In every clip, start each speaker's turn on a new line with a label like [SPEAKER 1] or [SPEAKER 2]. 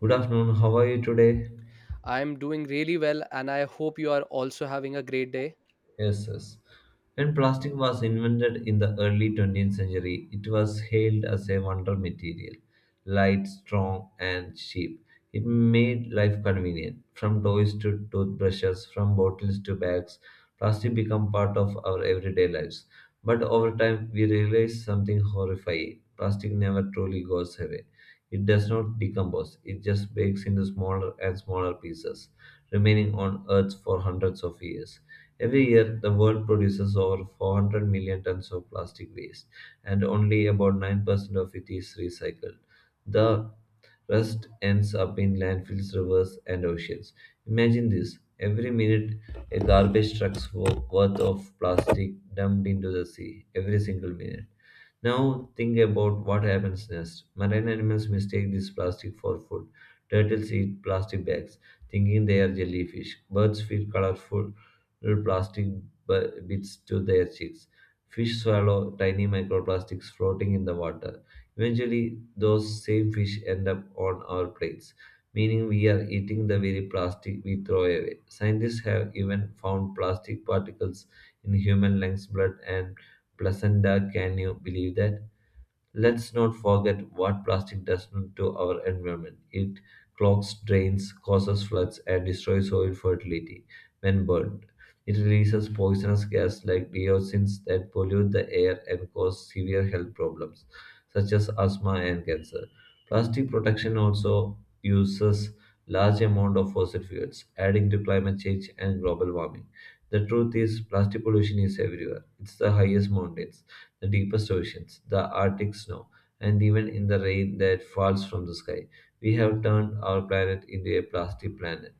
[SPEAKER 1] Good afternoon. How are you today?
[SPEAKER 2] I'm doing really well, and I hope you are also having a great day.
[SPEAKER 1] Yes, yes. When plastic was invented in the early 20th century, it was hailed as a wonder material, light, strong, and cheap. It made life convenient. From toys to toothbrushes, from bottles to bags, plastic became part of our everyday lives. But over time, we realized something horrifying. Plastic never truly goes away. It does not decompose, it just breaks into smaller and smaller pieces, remaining on Earth for hundreds of years. Every year, the world produces over 400 million tons of plastic waste, and only about 9% of it is recycled. The rest ends up in landfills, rivers, and oceans. Imagine this, every minute, a garbage truck's worth of plastic dumped into the sea, every single minute. Now think about what happens next. Marine animals mistake this plastic for food. Turtles eat plastic bags, thinking they are jellyfish. Birds feed colorful plastic bits to their chicks. Fish swallow tiny microplastics floating in the water. Eventually, those same fish end up on our plates, meaning we are eating the very plastic we throw away. Scientists have even found plastic particles in human lungs, blood, and placenta. Can you believe that? Let's not forget what plastic does to our environment. It clogs drains, causes floods, and destroys soil fertility when burned. It releases poisonous gas like dioxins that pollute the air and cause severe health problems such as asthma and cancer. Plastic production also uses large amount of fossil fuels, adding to climate change and global warming. The truth is, plastic pollution is everywhere. It's the highest mountains, the deepest oceans, the Arctic snow, and even in the rain that falls from the sky. We have turned our planet into a plastic planet.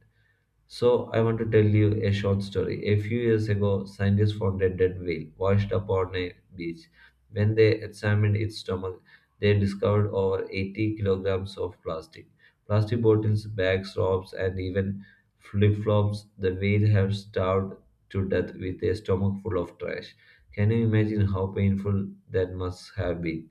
[SPEAKER 1] So, I want to tell you a short story. A few years ago, scientists found a dead whale washed up on a beach. When they examined its stomach, they discovered over 80 kilograms of plastic. Plastic bottles, bags, ropes, and even flip flops. The whale had starved to death with a stomach full of trash. Can you imagine how painful that must have been?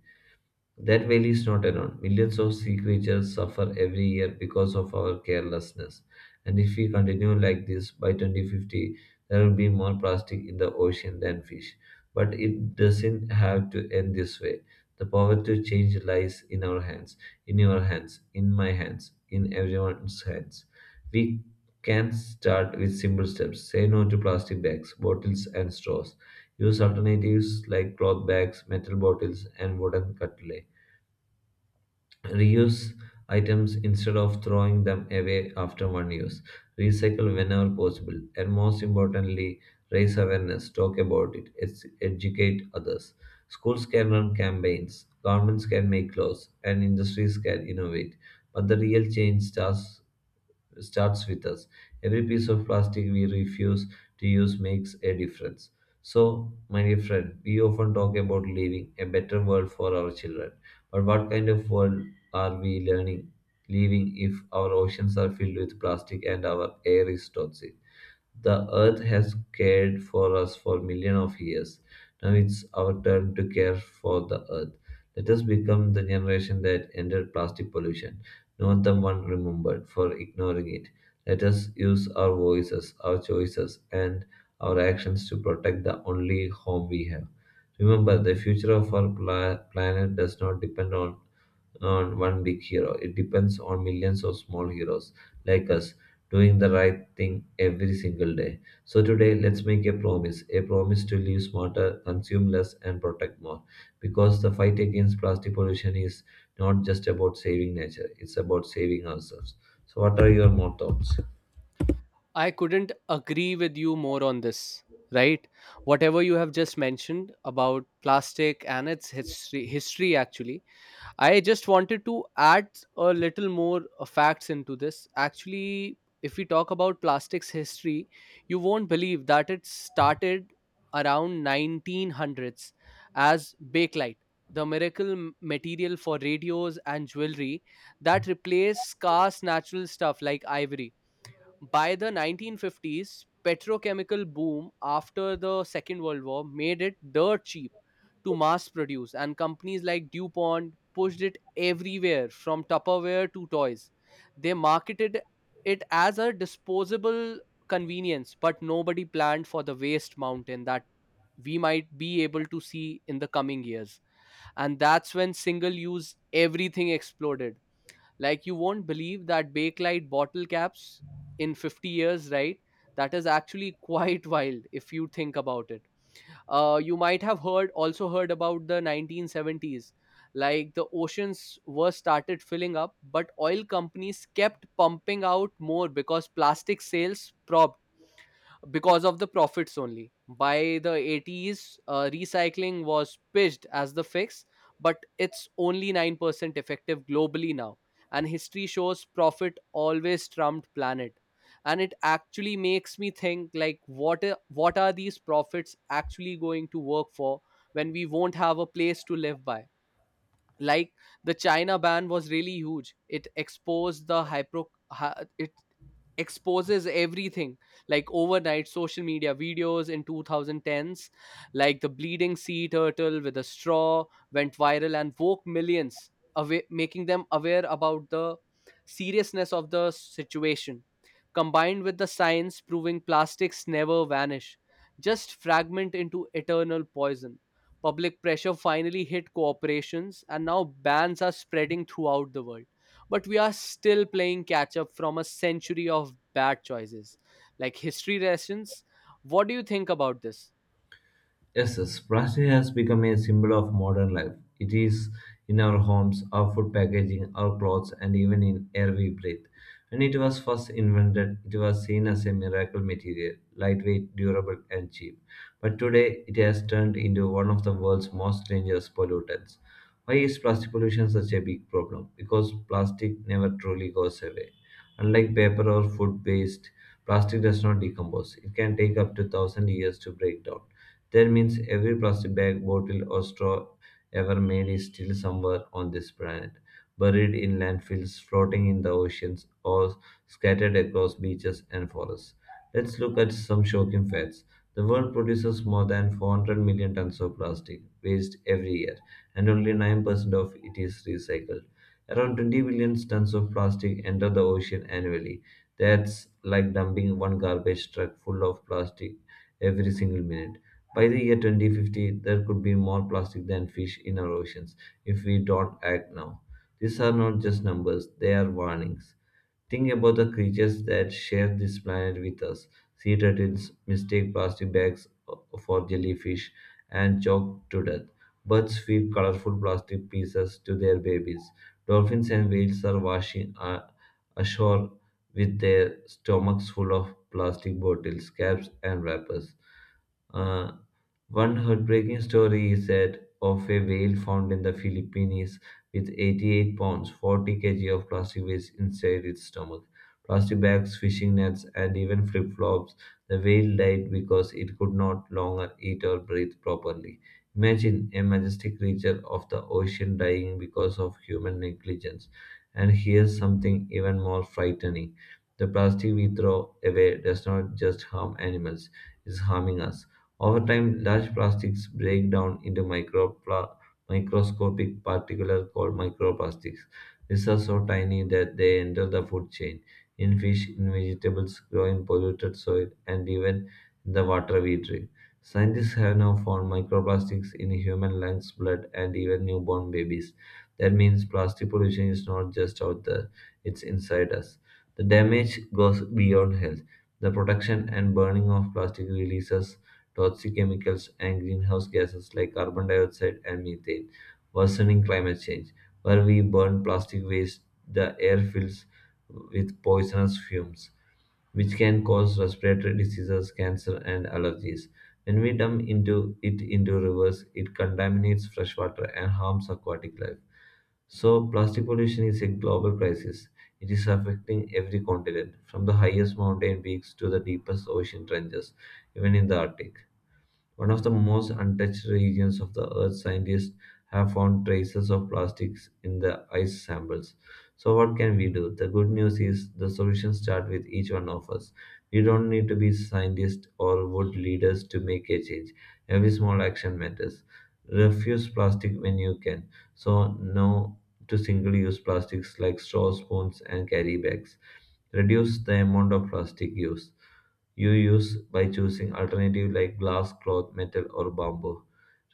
[SPEAKER 1] That valley is not alone. Millions of sea creatures suffer every year because of our carelessness. And if we continue like this, by 2050, there will be more plastic in the ocean than fish. But it doesn't have to end this way. The power to change lies in our hands, in your hands, in my hands, in everyone's hands. We can start with simple steps. Say no to plastic bags, bottles, and straws. Use alternatives like cloth bags, metal bottles, and wooden cutlery. Reuse items instead of throwing them away after one use. Recycle whenever possible. And most importantly, raise awareness, talk about it, educate others. Schools can run campaigns, governments can make laws, and industries can innovate. But the real change starts with us. Every piece of plastic we refuse to use makes a difference. So, my dear friend, we often talk about leaving a better world for our children. But what kind of world are we leaving if our oceans are filled with plastic and our air is toxic? The earth has cared for us for millions of years. Now it's our turn to care for the earth. Let us become the generation that ended plastic pollution, not the one remembered for ignoring it. Let us use our voices, our choices, and our actions to protect the only home we have. Remember, the future of our planet does not depend on one big hero. It depends on millions of small heroes like us doing the right thing every single day. So, today, let's make a promise, to live smarter, consume less, and protect more. Because the fight against plastic pollution is not just about saving nature, it's about saving ourselves. So, what are your more thoughts?
[SPEAKER 2] I couldn't agree with you more on this, right? Whatever you have just mentioned about plastic and its history actually, I just wanted to add a little more facts into this. Actually, if we talk about plastics history, you won't believe that it started around 1900s as bakelite, the miracle material for radios and jewelry that replaced scarce natural stuff like ivory. By the 1950s, petrochemical boom after the Second World War made it dirt cheap to mass produce, and companies like DuPont pushed it everywhere from Tupperware to toys. They marketed it as a disposable convenience, but nobody planned for the waste mountain that we might be able to see in the coming years. And that's when single use everything exploded, like you won't believe that Bakelite bottle caps in 50 years, right? That is actually quite wild if you think about it. You might have heard also heard about the 1970s. Like the oceans were started filling up, but oil companies kept pumping out more because plastic sales because of the profits only. By the 80s, recycling was pitched as the fix, but it's only 9% effective globally now. And history shows profit always trumped planet. And it actually makes me think, like what are these profits actually going to work for when we won't have a place to live by? Like, the china ban was really huge. It exposed the it exposes everything, like overnight social media videos in 2010s, like the bleeding sea turtle with a straw went viral and woke millions away, making them aware about the seriousness of the situation, combined with the science proving plastics never vanish, just fragment into eternal poison. Public pressure finally hit corporations, and now bans are spreading throughout the world. But we are still playing catch up from a century of bad choices. Like history lessons, what do you think about this?
[SPEAKER 1] Yes, yes, plastic has become a symbol of modern life. It is in our homes, our food packaging, our clothes, and even in air we breathe. When it was first invented, it was seen as a miracle material, lightweight, durable, and cheap. But today, it has turned into one of the world's most dangerous pollutants. Why is plastic pollution such a big problem? Because plastic never truly goes away. Unlike paper or food waste, plastic does not decompose. It can take up to 1000 years to break down. That means every plastic bag, bottle, or straw ever made is still somewhere on this planet, buried in landfills, floating in the oceans, or scattered across beaches and forests. Let's look at some shocking facts. The world produces more than 400 million tons of plastic waste every year, and only 9% of it is recycled. Around 20 billion tons of plastic enter the ocean annually. That's like dumping one garbage truck full of plastic every single minute. By the year 2050, there could be more plastic than fish in our oceans if we don't act now. These are not just numbers, they are warnings. Think about the creatures that share this planet with us. Sea turtles mistake plastic bags for jellyfish and choke to death. Birds feed colorful plastic pieces to their babies. Dolphins and whales are washing ashore with their stomachs full of plastic bottles, caps, and wrappers. Uh, One heartbreaking story is that of a whale found in the Philippines with 88 pounds, 40 kg of plastic waste inside its stomach. Plastic bags, fishing nets, and even flip flops. The whale died because it could not longer eat or breathe properly. Imagine a majestic creature of the ocean dying because of human negligence. And here's something even more frightening: the plastic we throw away does not just harm animals, it's harming us. Over time, large plastics break down into microscopic particles called microplastics. These are so tiny that they enter the food chain, in fish, in vegetables, grow in polluted soil, and even in the water we drink. Scientists have now found microplastics in human lungs, blood, and even newborn babies. That means plastic pollution is not just out there, it's inside us. The damage goes beyond health. The production and burning of plastic releases toxic chemicals and greenhouse gases like carbon dioxide and methane, worsening climate change. Where we burn plastic waste, the air fills with poisonous fumes which can cause respiratory diseases, cancer, and allergies. When we dump into rivers, it contaminates fresh water and harms aquatic life. So, plastic pollution is a global crisis. It is affecting every continent, from the highest mountain peaks to the deepest ocean trenches, even in the Arctic, one of the most untouched regions of the Earth. Scientists have found traces of plastics in the ice samples. So, what can we do? The good news is the solutions start with each one of us. We don't need to be scientists or world leaders to make a change. Every small action matters. Refuse plastic when you can. So, no to single use plastics like straws, spoons, and carry bags. Reduce the amount of plastic used you use by choosing alternative like glass, cloth, metal, or bamboo.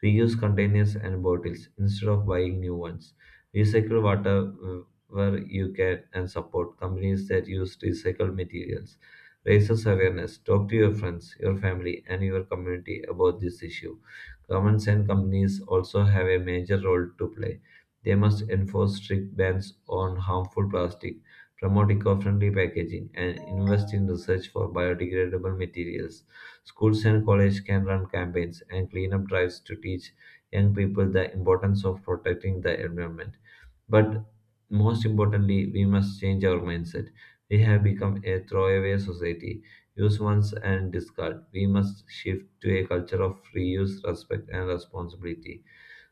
[SPEAKER 1] Reuse containers and bottles instead of buying new ones. Recycle water where you can and support companies that use recycled materials. Raises awareness. Talk to your friends, your family, and your community about this issue. Governments and companies also have a major role to play. They must enforce strict bans on harmful plastic, promote eco-friendly packaging, and invest in research for biodegradable materials. Schools and colleges can run campaigns and cleanup drives to teach young people the importance of protecting the environment. But most importantly, we must change our mindset. We have become a throwaway society. Use once and discard. We must shift to a culture of reuse, respect, and responsibility.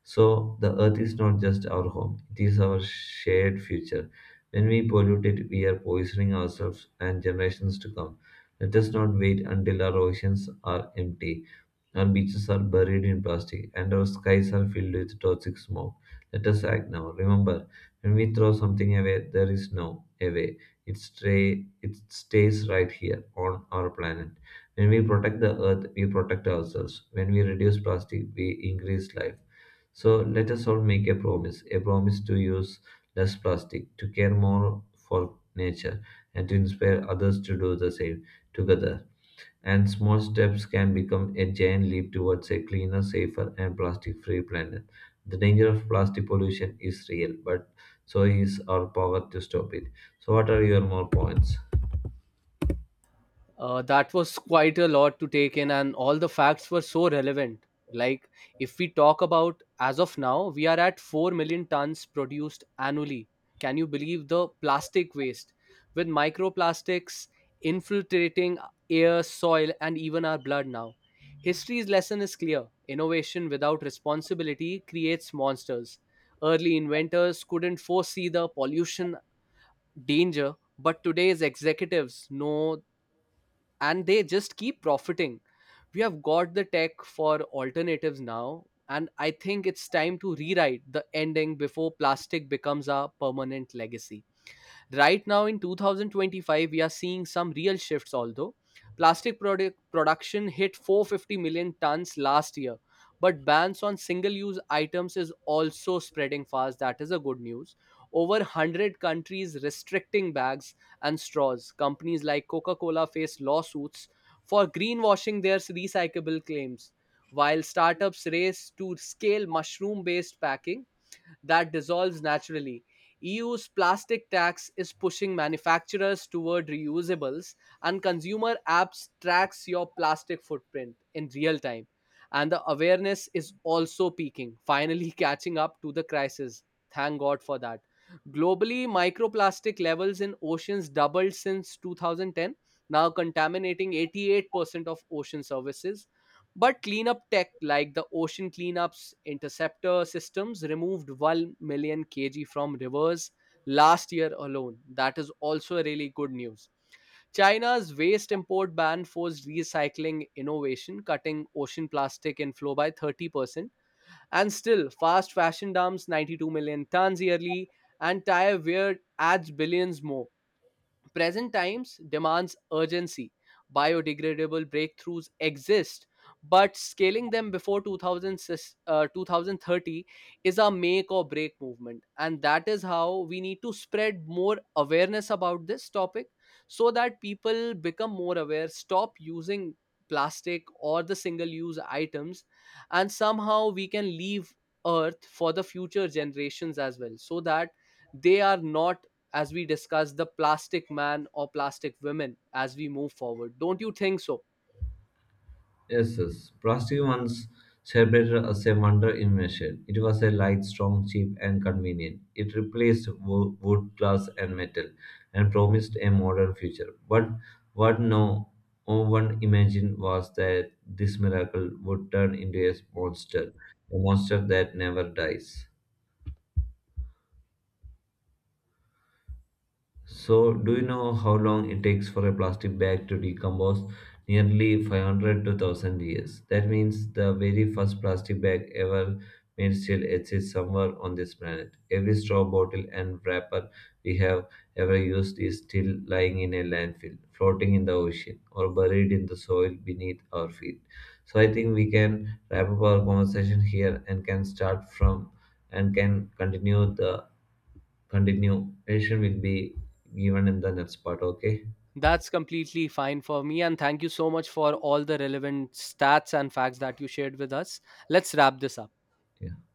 [SPEAKER 1] So, the earth is not just our home, it is our shared future. When we pollute it, we are poisoning ourselves and generations to come. Let us not wait until our oceans are empty, our beaches are buried in plastic, and our skies are filled with toxic smoke. Let us act now. Remember, when we throw something away, there is no away. It stays right here on our planet. When we protect the earth, we protect ourselves. When we reduce plastic, we increase life. So let us all make a promise, to use less plastic, to care more for nature, and to inspire others to do the same together. And small steps can become a giant leap towards a cleaner, safer, and plastic free planet. The danger of plastic pollution is real, but so is our power to stop it. So, what are your more points?
[SPEAKER 2] That was quite a lot to take in, and all the facts were so relevant. Like, if we talk about as of now, we are at 4 million tons produced annually. Can you believe the plastic waste with microplastics infiltrating air, soil, and even our blood now? History's lesson is clear: innovation without responsibility creates monsters. Early inventors couldn't foresee the pollution danger, but today's executives know, and they just keep profiting. We have got the tech for alternatives now, and I think it's time to rewrite the ending before plastic becomes our permanent legacy. Right now in 2025, we are seeing some real shifts, although plastic production hit 450 million tons last year. But bans on single use items is also spreading fast. That is a good news. Over 100 countries restricting bags and straws. Companies like Coca Cola face lawsuits for greenwashing their recyclable claims, while startups race to scale mushroom based packing that dissolves naturally. EU's plastic tax is pushing manufacturers toward reusables, and consumer apps tracks your plastic footprint in real time. And the awareness is also peaking, finally catching up to the crisis. Thank God for that. Globally, microplastic levels in oceans doubled since 2010, now contaminating 88% of ocean surfaces, but cleanup tech like the ocean cleanups interceptor systems removed 1 million kg from rivers last year alone. That is also really good news. China's waste import ban forced recycling innovation, cutting ocean plastic inflow by 30%. And still, fast fashion dumps 92 million tons yearly, and tire wear adds billions more. Present times demands urgency. Biodegradable breakthroughs exist, but scaling them before 2030 is a make or break movement. And that is how we need to spread more awareness about this topic, so that people become more aware, stop using plastic or the single use items, and somehow we can leave Earth for the future generations as well, so that they are not, as we discuss, the plastic man or plastic women as we move forward. Don't you think so?
[SPEAKER 1] Yes, yes. Plastic, once celebrated as a wonder invention, it was a light, strong, cheap, and convenient. It replaced wood, glass, and metal, and promised a modern future. But what no one imagined was that this miracle would turn into a monster that never dies. So, do you know how long it takes for a plastic bag to decompose? Nearly 500 to 1000 years. That means the very first plastic bag ever made still exists somewhere on this planet. Every straw, bottle, and wrapper we have ever used is still lying in a landfill, floating in the ocean, or buried in the soil beneath our feet. So, I think we can wrap up our conversation here and can start from and can continue the continuation will be given in the next part, okay.
[SPEAKER 2] That's completely fine for me. And thank you so much for all the relevant stats and facts that you shared with us. Let's wrap this up.
[SPEAKER 1] Yeah.